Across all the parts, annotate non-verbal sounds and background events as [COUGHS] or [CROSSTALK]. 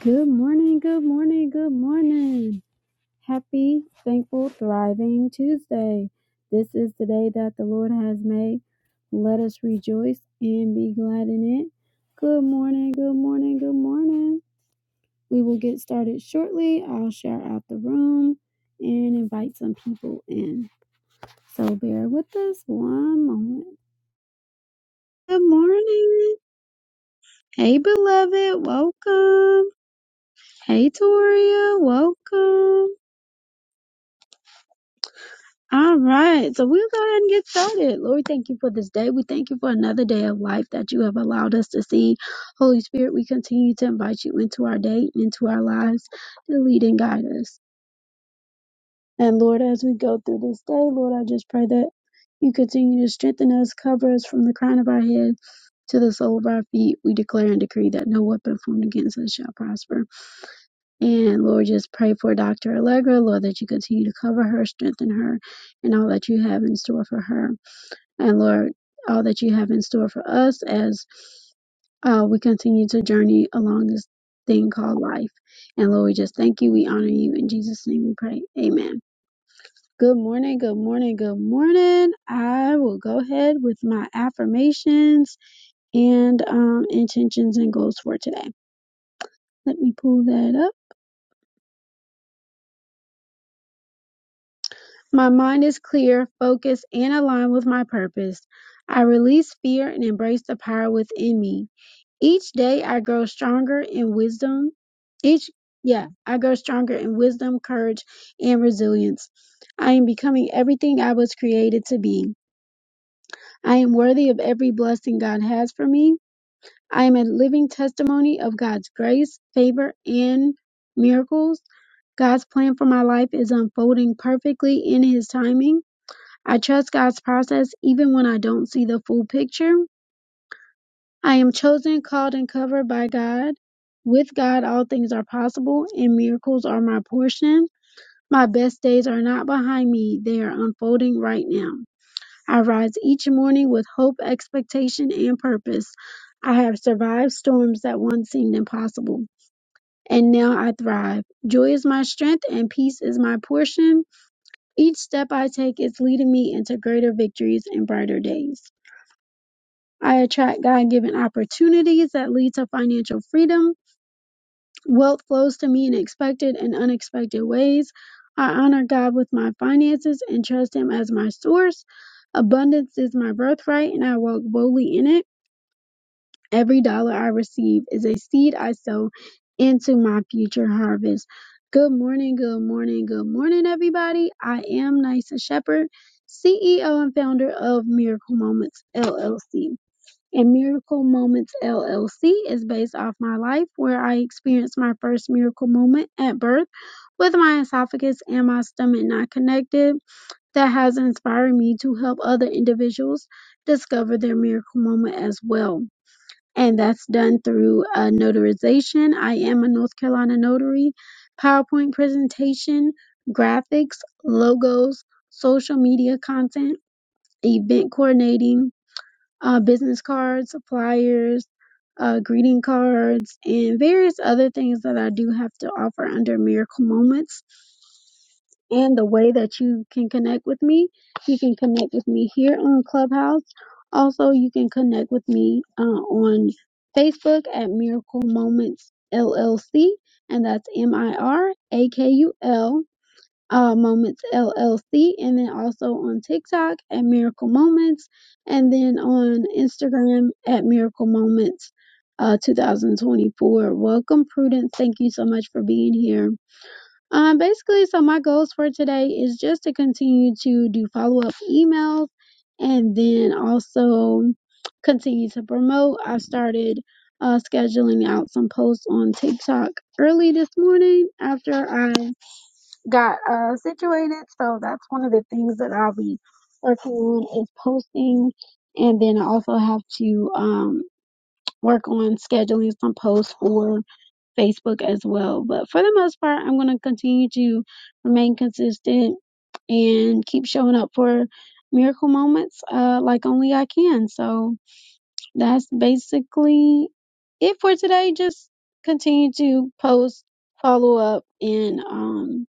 Good morning, good morning, good morning. Happy, thankful, thriving Tuesday. This is the day that the Lord has made. Let us rejoice and be glad in it. Good morning, good morning, good morning. We will get started shortly. I'll share out the room and invite some people in. So bear with us one moment. Good morning. Hey, beloved, welcome. Hey, Toria, welcome. All right. So we'll go ahead and get started. Lord, thank you for this day. We thank you for another day of life that you have allowed us to see. Holy Spirit, we continue to invite you into our day and into our lives to lead and guide us. And Lord, as we go through this day, Lord, I just pray that you continue to strengthen us, cover us from the crown of our head to the sole of our feet. We declare and decree that no weapon formed against us shall prosper. And Lord, just pray for Dr. Allegra, Lord, that you continue to cover her, strengthen her, and all that you have in store for her. And Lord, all that you have in store for us as uh, we continue to journey along this thing called life. And Lord, we just thank you. We honor you. In Jesus' name we pray. Amen. Good morning. Good morning. Good morning. I will go ahead with my affirmations and um, intentions and goals for today. Let me pull that up. My mind is clear, focused, and aligned with my purpose. I release fear and embrace the power within me. Each day I grow stronger in wisdom. Each, yeah, I grow stronger in wisdom, courage, and resilience. I am becoming everything I was created to be. I am worthy of every blessing God has for me. I am a living testimony of God's grace, favor, and miracles. God's plan for my life is unfolding perfectly in His timing. I trust God's process even when I don't see the full picture. I am chosen, called, and covered by God. With God, all things are possible, and miracles are my portion. My best days are not behind me, they are unfolding right now. I rise each morning with hope, expectation, and purpose. I have survived storms that once seemed impossible, and now I thrive. Joy is my strength, and peace is my portion. Each step I take is leading me into greater victories and brighter days. I attract God given opportunities that lead to financial freedom. Wealth flows to me in expected and unexpected ways. I honor God with my finances and trust Him as my source. Abundance is my birthright, and I walk boldly in it. Every dollar I receive is a seed I sow into my future harvest. Good morning, good morning, good morning, everybody. I am Nysa Shepherd, CEO and founder of Miracle Moments LLC and Miracle Moments LLC is based off my life where I experienced my first miracle moment at birth with my esophagus and my stomach not connected that has inspired me to help other individuals discover their miracle moment as well. And that's done through a notarization. I am a North Carolina notary, PowerPoint presentation, graphics, logos, social media content, event coordinating, uh, business cards, flyers, uh, greeting cards, and various other things that I do have to offer under Miracle Moments. And the way that you can connect with me, you can connect with me here on Clubhouse. Also, you can connect with me uh, on Facebook at Miracle Moments LLC, and that's M I R A K U L uh, Moments LLC, and then also on TikTok at Miracle Moments, and then on Instagram at Miracle Moments uh, 2024. Welcome, Prudence. Thank you so much for being here. Um, basically, so my goals for today is just to continue to do follow up emails and then also continue to promote. I started uh, scheduling out some posts on TikTok early this morning after I got uh, situated. So that's one of the things that I'll be working on is posting, and then I also have to um, work on scheduling some posts for Facebook as well. But for the most part, I'm going to continue to remain consistent and keep showing up for miracle moments uh, like only I can. So that's basically it for today. Just continue to post, follow up, and um,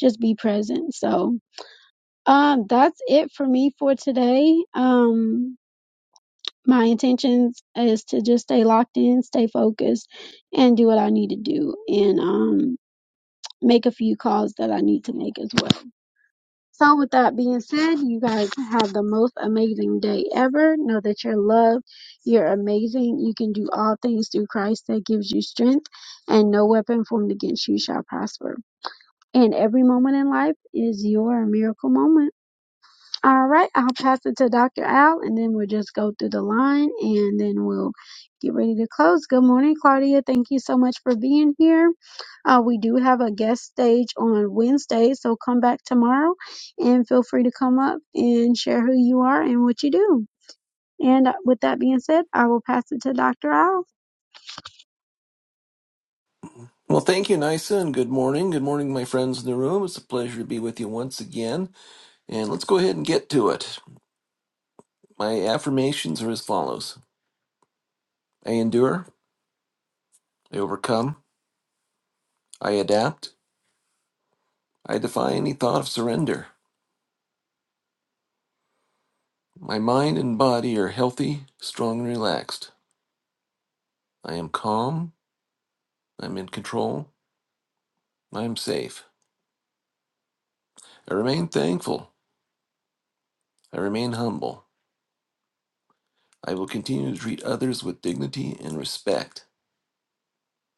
just be present. So um, that's it for me for today. Um, my intentions is to just stay locked in, stay focused, and do what I need to do, and um, make a few calls that I need to make as well. So, with that being said, you guys have the most amazing day ever. Know that you're loved, you're amazing, you can do all things through Christ that gives you strength, and no weapon formed against you shall prosper. And every moment in life is your miracle moment. All right, I'll pass it to Dr. Al, and then we'll just go through the line, and then we'll get ready to close. Good morning, Claudia. Thank you so much for being here. Uh, we do have a guest stage on Wednesday, so come back tomorrow, and feel free to come up and share who you are and what you do. And uh, with that being said, I will pass it to Dr. Al. Well, thank you, Nisa, and good morning. Good morning, my friends in the room. It's a pleasure to be with you once again. And let's go ahead and get to it. My affirmations are as follows I endure, I overcome, I adapt, I defy any thought of surrender. My mind and body are healthy, strong, and relaxed. I am calm, I'm in control, I am safe. I remain thankful, I remain humble. I will continue to treat others with dignity and respect.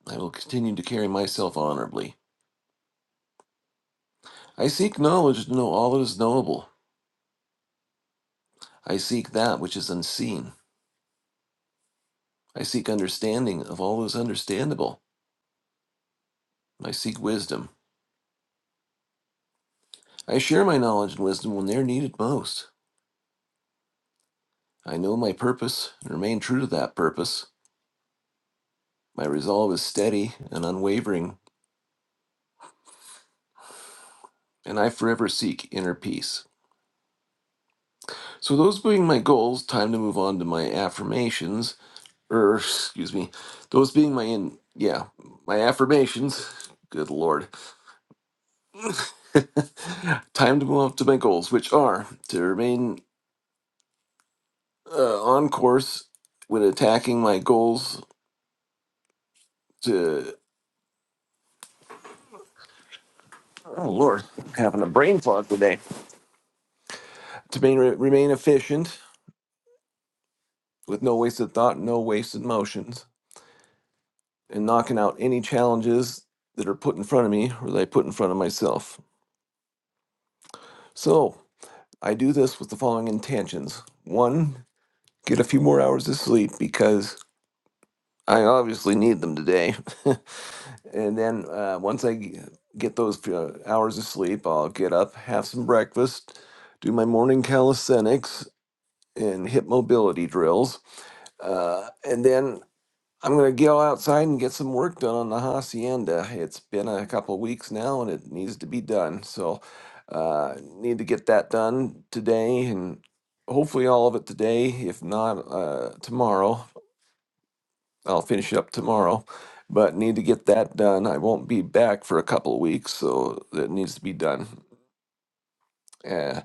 I will continue to carry myself honorably. I seek knowledge to know all that is knowable. I seek that which is unseen. I seek understanding of all that is understandable. I seek wisdom. I share my knowledge and wisdom when they are needed most. I know my purpose and remain true to that purpose. My resolve is steady and unwavering, and I forever seek inner peace. So, those being my goals, time to move on to my affirmations, or excuse me, those being my in, yeah, my affirmations. [LAUGHS] Good lord. [LAUGHS] Time to move up to my goals, which are to remain uh, on course when attacking my goals. To oh lord, I'm having a brain fog today. To main, remain efficient with no wasted thought, no wasted motions, and knocking out any challenges that are put in front of me or that I put in front of myself. So I do this with the following intentions: one, get a few more hours of sleep because I obviously need them today. [LAUGHS] And then uh, once I g- get those uh, hours of sleep, I'll get up, have some breakfast, do my morning calisthenics and hip mobility drills. Uh, and then I'm going to go outside and get some work done on the hacienda. It's been a couple weeks now and it needs to be done. So uh, need to get that done today and hopefully all of it today, if not uh, tomorrow. I'll finish it up tomorrow, but need to get that done. I won't be back for a couple of weeks, so that needs to be done. Uh,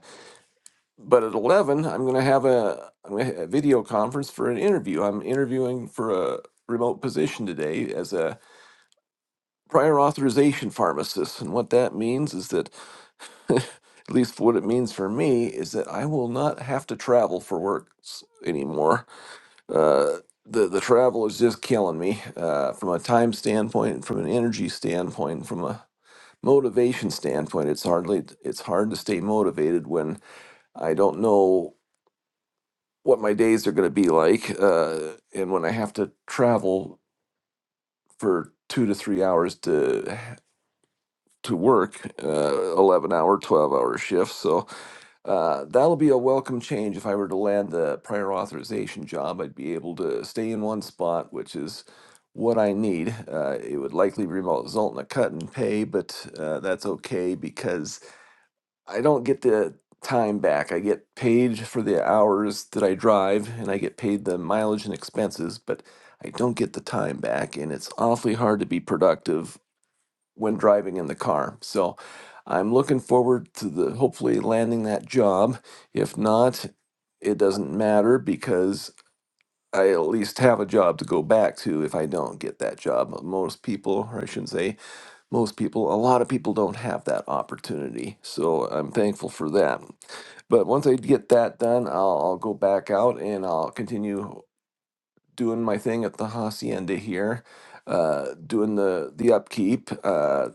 but at eleven, I'm going to have a, I'm gonna ha- a video conference for an interview. I'm interviewing for a remote position today as a prior authorization pharmacist, and what that means is that, [LAUGHS] at least what it means for me, is that I will not have to travel for work s- anymore Uh, the the travel is just killing me uh, from a time standpoint, from an energy standpoint, from a motivation standpoint. It's hardly it's hard to stay motivated when I don't know what my days are going to be like, uh, and when I have to travel for two to three hours to to work, uh, eleven hour, twelve hour shifts. So Uh, that'll be a welcome change. If I were to land the prior authorization job, I'd be able to stay in one spot, which is what I need. Uh, it would likely result in a cut in pay, but uh, that's okay because I don't get the time back. I get paid for the hours that I drive and I get paid the mileage and expenses, but I don't get the time back. And it's awfully hard to be productive when driving in the car. So I'm looking forward to the hopefully landing that job. If not, it doesn't matter because I at least have a job to go back to if I don't get that job. Most people, or I shouldn't say most people, a lot of people don't have that opportunity. So I'm thankful for that. But once I get that done, I'll, I'll go back out and I'll continue doing my thing at the hacienda here, uh, doing the the upkeep. Uh,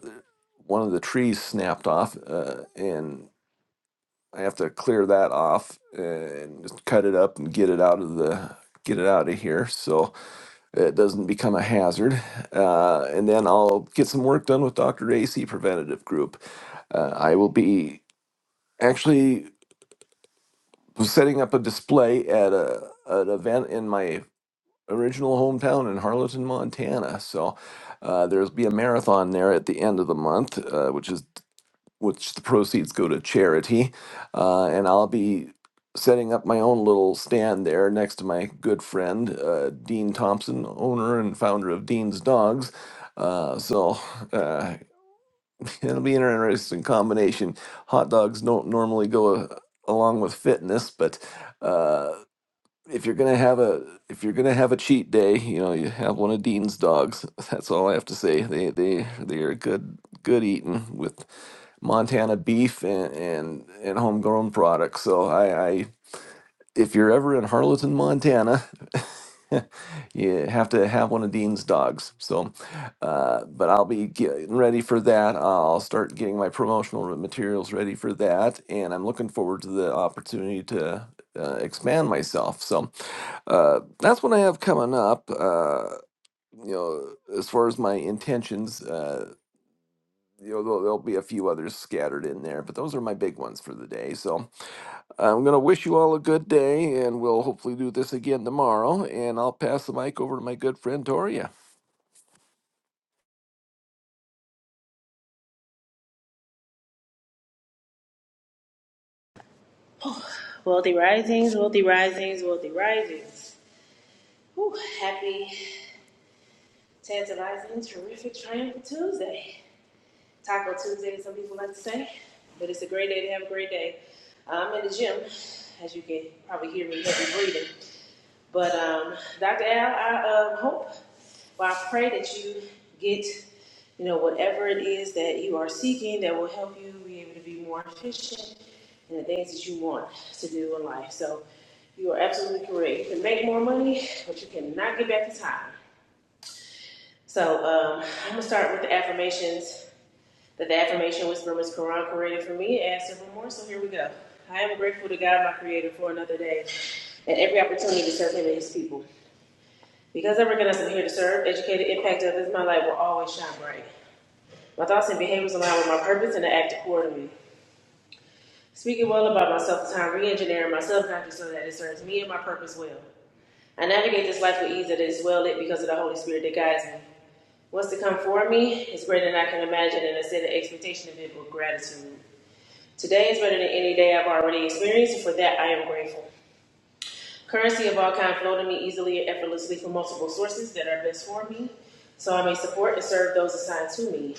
one of the trees snapped off, uh, and I have to clear that off uh, and just cut it up and get it out of the get it out of here so it doesn't become a hazard. Uh, and then I'll get some work done with Dr. AC Preventative Group. Uh, I will be actually setting up a display at a an event in my original hometown in Harleton, Montana. So uh, there'll be a marathon there at the end of the month, uh, which is which the proceeds go to charity. Uh, and I'll be setting up my own little stand there next to my good friend, uh, Dean Thompson, owner and founder of Dean's Dogs. Uh, so uh, [LAUGHS] it'll be an interesting combination. Hot dogs don't normally go uh, along with fitness, but. uh, if you're gonna have a if you're gonna have a cheat day, you know, you have one of Dean's dogs. [LAUGHS] That's all I have to say. They they they are good good eating with Montana beef and and, and homegrown products. So I, I if you're ever in Harleton, Montana, [LAUGHS] you have to have one of Dean's dogs. So, uh, but I'll be getting ready for that. I'll start getting my promotional materials ready for that, and I'm looking forward to the opportunity to uh, expand myself. So. Uh, that's what I have coming up. Uh, you know, as far as my intentions, uh, you know, there'll, there'll be a few others scattered in there, but those are my big ones for the day. So I'm going to wish you all a good day, and we'll hopefully do this again tomorrow. And I'll pass the mic over to my good friend Toria. Wealthy risings, wealthy risings, wealthy risings. Whew, happy, tantalizing, terrific, triumphant Tuesday. Taco Tuesday, as some people like to say, but it's a great day to have a great day. I'm in the gym, as you can probably hear me heavy breathing. But um, Dr. Al, I um, hope well, I pray that you get, you know, whatever it is that you are seeking that will help you be able to be more efficient in the things that you want to do in life. So you are absolutely correct. You can make more money, but you cannot get back the time. So um, I'm gonna start with the affirmations. That the affirmation whisperer was Quran created for me and several more. So here we go. I am grateful to God, my Creator, for another day and every opportunity to serve Him and His people. Because I recognize I'm here to serve, educate, and impact others, my light will always shine bright. My thoughts and behaviors align with my purpose and I act accordingly. Speaking well about myself is how I'm re-engineering my subconscious so that it serves me and my purpose well. I navigate this life with ease that is well lit because of the Holy Spirit that guides me. What's to come for me is greater than I can imagine and I set an expectation of it with gratitude. Today is better than any day I've already experienced and for that I am grateful. Currency of all kind flow to me easily and effortlessly from multiple sources that are best for me so I may support and serve those assigned to me.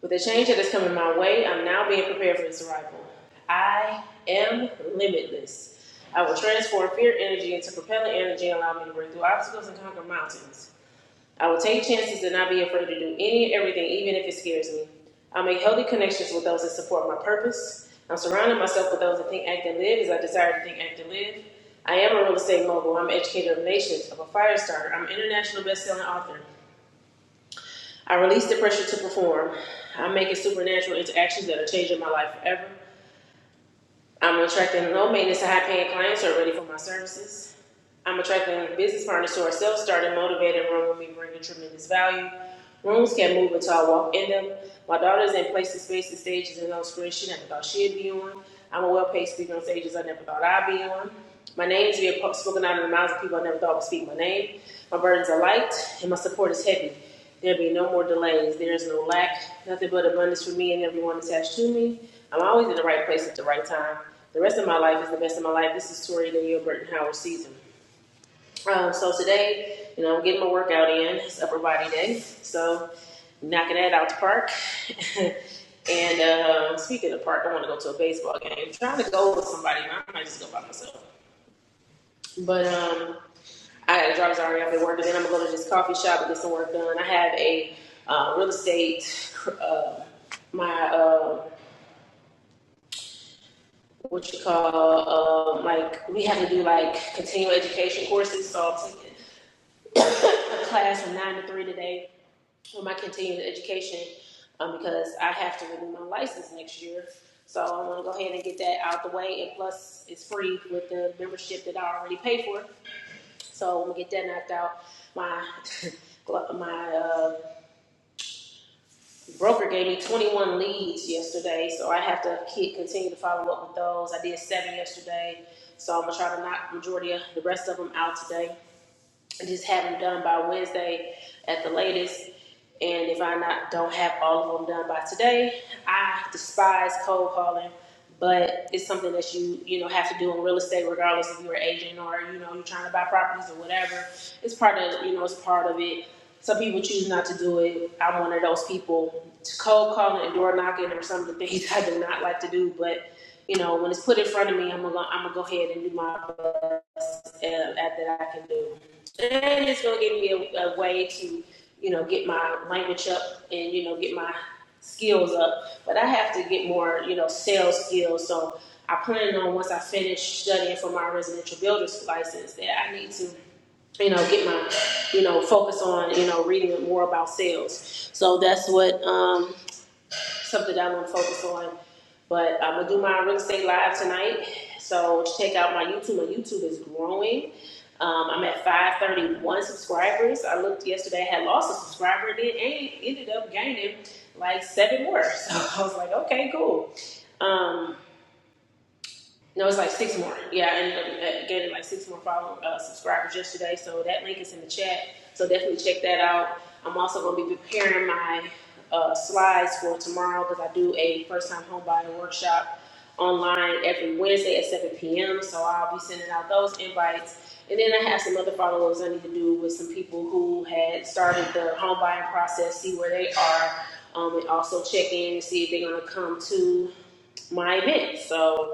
With the change that is coming my way, I'm now being prepared for its arrival. I am limitless. I will transform fear energy into propelling energy and allow me to break through obstacles and conquer mountains. I will take chances and not be afraid to do any and everything, even if it scares me. I'll make healthy connections with those that support my purpose. I'm surrounding myself with those that think, act, and live as I desire to think, act, and live. I am a real estate mogul. I'm an educator of nations. I'm a fire starter. I'm an international best-selling author. I release the pressure to perform. I'm making supernatural interactions that are changing my life forever. I'm attracting low maintenance to high paying clients who are ready for my services. I'm attracting a business partners to our self-starting, motivated room will be bringing tremendous value. Rooms can move until I walk in them. My daughter's in places, spaces, stages, and on screen she never thought she'd be on. I'm a well-paid speaker on stages I never thought I'd be on. My name is being spoken out of the mouths of people I never thought would speak my name. My burdens are light, and my support is heavy. There'll be no more delays. There is no lack, nothing but abundance for me and everyone attached to me. I'm always in the right place at the right time. The rest of my life is the best of my life. This is Tori Danielle Burton Howard season. Um, so today, you know, I'm getting my workout in. It's upper body day. So knocking that out the park. [LAUGHS] and uh, speaking of park, I want to go to a baseball game. I'm trying to go with somebody. I might just go by myself. But um, I got to driver's already up at work, and then I'm gonna go to this coffee shop and get some work done. I have a uh, real estate, uh, my uh, what you call uh, like we have to do like continuing education courses. So I'm taking [COUGHS] a [LAUGHS] class from nine to three today with my continuing education um, because I have to renew my license next year. So I want to go ahead and get that out the way, and plus it's free with the membership that I already paid for. So I'm gonna get that knocked out. My [LAUGHS] my uh, broker gave me 21 leads yesterday, so I have to keep, continue to follow up with those. I did seven yesterday, so I'm gonna try to knock the majority of the rest of them out today just have them done by Wednesday at the latest. And if I not don't have all of them done by today, I despise cold calling, but it's something that you you know have to do in real estate, regardless if you're an agent or you know you're trying to buy properties or whatever. It's part of you know it's part of it. Some people choose not to do it. I'm one of those people. Cold calling and door knocking are some of the things [LAUGHS] I do not like to do, but you know when it's put in front of me, I'm gonna I'm gonna go ahead and do my and, uh, that I can do. And it's gonna give me a, a way to, you know, get my language up and you know get my skills up. But I have to get more, you know, sales skills. So I plan on once I finish studying for my residential builder's license that I need to, you know, get my, you know, focus on, you know, reading more about sales. So that's what um, something that I'm gonna focus on. But I'm gonna do my real estate live tonight. So check out my YouTube. My YouTube is growing. Um, I'm at 531 subscribers. I looked yesterday, I had lost a subscriber, then and then ended up gaining like seven more. [LAUGHS] So I was like, okay, cool. Um, no, it's like six more. Yeah, I ended up uh, getting like six more follow uh, subscribers yesterday. So that link is in the chat. So definitely check that out. I'm also going to be preparing my uh, slides for tomorrow because I do a first-time home buyer workshop online every Wednesday at 7 p.m. So I'll be sending out those invites. And then I have some other follow-ups I need to do with some people who had started the home buying process, see where they are, um, and also check in and see if they're going to come to my event. So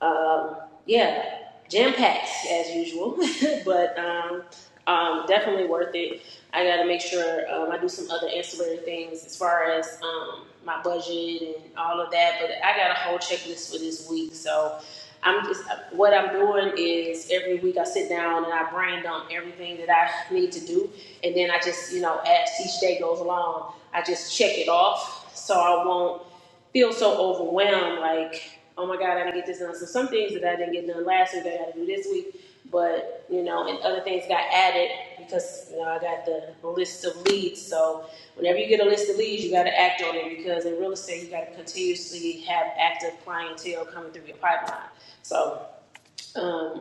um, yeah, jam packed as usual, [LAUGHS] but um, um, definitely worth it. I got to make sure um, I do some other ancillary things as far as um, my budget and all of that. But I got a whole checklist for this week, so I'm just what I'm doing is every week I sit down and I brain dump everything that I need to do, and then I just you know as each day goes along, I just check it off. So I won't feel so overwhelmed, like, oh my God, I didn't get this done. So some things that I didn't get done last week, I got to do this week. But you know, and other things got added because you know I got the list of leads. So whenever you get a list of leads, you got to act on it because in real estate, you got to continuously have active clientele coming through your pipeline. So. um,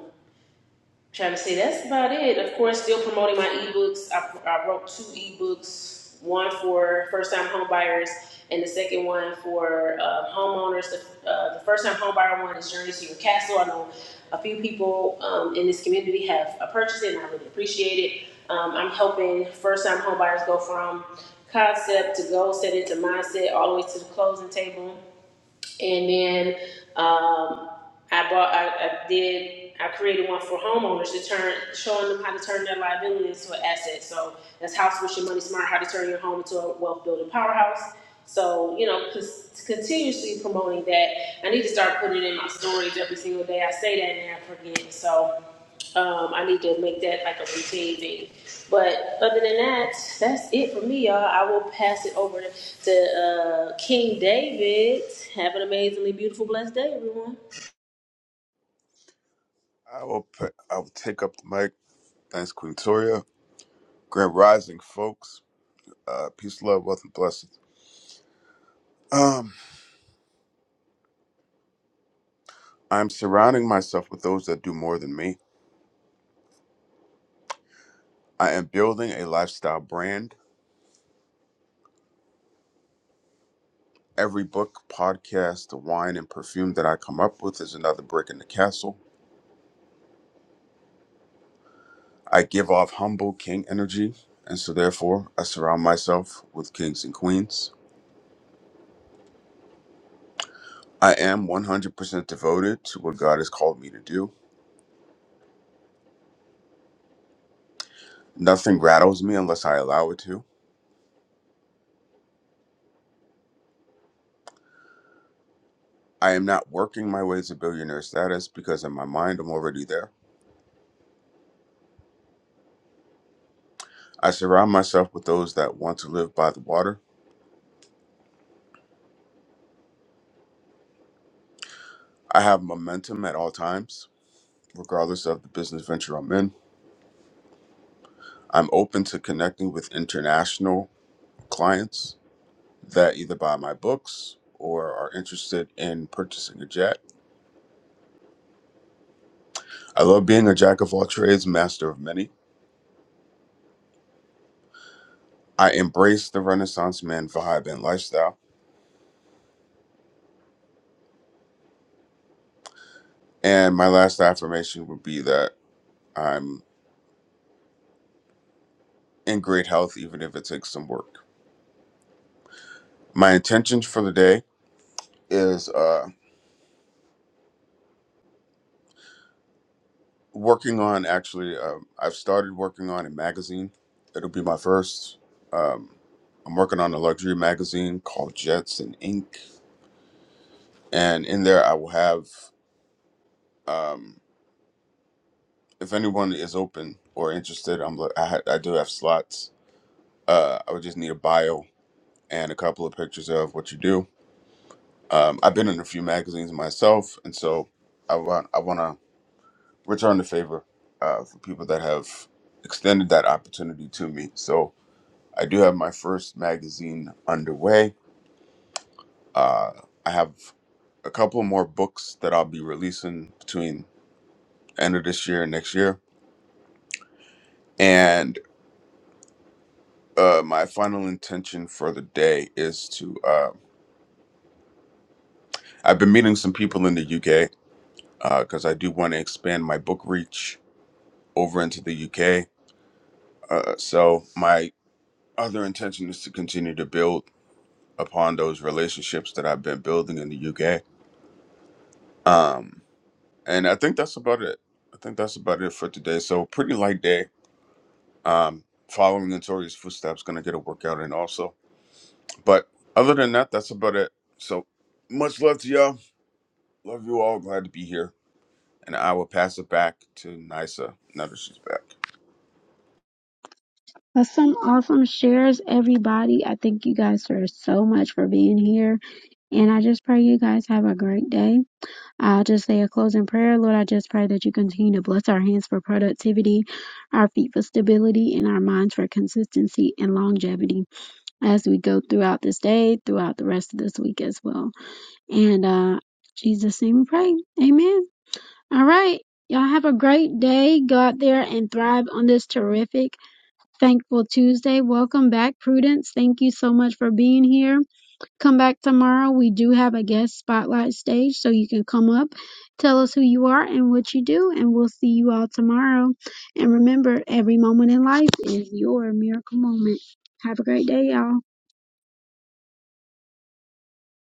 trying to say that's about it. Of course, still promoting my ebooks. I, I wrote two ebooks, one for first-time homebuyers, and the second one for uh, homeowners. The, uh, the first-time homebuyer one is Journey to Your Castle. I know a few people um, in this community have uh, purchased it, and I really appreciate it. Um, I'm helping first-time homebuyers go from concept to goal, set into mindset, all the way to the closing table and then um, I bought, I, I did, I created one for homeowners to turn, showing them how to turn their liability into an asset. So that's House with Your Money Smart, how to turn your home into a wealth building powerhouse. So, you know, cons- continuously promoting that. I need to start putting it in my stories every single day. I say that and I forget. So um, I need to make that like a routine thing. But other than that, that's it for me, y'all. I will pass it over to uh, King David. Have an amazingly beautiful, blessed day, everyone. I will put, I will take up the mic. Thanks, Queen Toria. Grand Rising, folks. Uh, peace, love, wealth, and blessings. Um, I'm surrounding myself with those that do more than me. I am building a lifestyle brand. Every book, podcast, wine, and perfume that I come up with is another brick in the castle. I give off humble king energy, and so therefore I surround myself with kings and queens. I am 100% devoted to what God has called me to do. Nothing rattles me unless I allow it to. I am not working my way to billionaire status because in my mind I'm already there. I surround myself with those that want to live by the water. I have momentum at all times, regardless of the business venture I'm in. I'm open to connecting with international clients that either buy my books or are interested in purchasing a jet. I love being a jack of all trades, master of many. I embrace the Renaissance man vibe and lifestyle. And my last affirmation would be that I'm in great health, even if it takes some work. My intentions for the day is uh, working on actually, um, I've started working on a magazine. It'll be my first. Um, I'm working on a luxury magazine called Jets and Ink, And in there, I will have, um, if anyone is open or interested, I'm li- I, ha- I do have slots. Uh, I would just need a bio and a couple of pictures of what you do. Um, I've been in a few magazines myself, and so I want I want to return the favor uh, for people that have extended that opportunity to me. So I do have my first magazine underway. Uh, I have a couple more books that I'll be releasing between end of this year and next year. And uh, my final intention for the day is to. Uh, I've been meeting some people in the UK because I do want to expand my book reach over into the UK. Uh, so my other intention is to continue to build upon those relationships that I've been building in the UK. Um, and I think that's about it. I think that's about it for today. So pretty light day. Um, following in Tori's footsteps, gonna get a workout in also. But other than that, that's about it. So much love to y'all. Love you all. Glad to be here. And I will pass it back to Nisa. Now that she's back. That's some awesome shares, everybody. I thank you guys for so much for being here, and I just pray you guys have a great day I'll just say a closing prayer. Lord, I just pray that you continue to bless our hands for productivity, our feet for stability, and our minds for consistency and longevity as we go throughout this day, throughout the rest of this week as well. And uh Jesus name we pray. Amen. All right. Y'all have a great day. Go out there and thrive on this terrific, thankful Tuesday. Welcome back, Prudence. Thank you so much for being here. Come back tomorrow. We do have a guest spotlight stage, so you can come up, tell us who you are and what you do, and we'll see you all tomorrow. And remember, every moment in life is your miracle moment. Have a great day, y'all.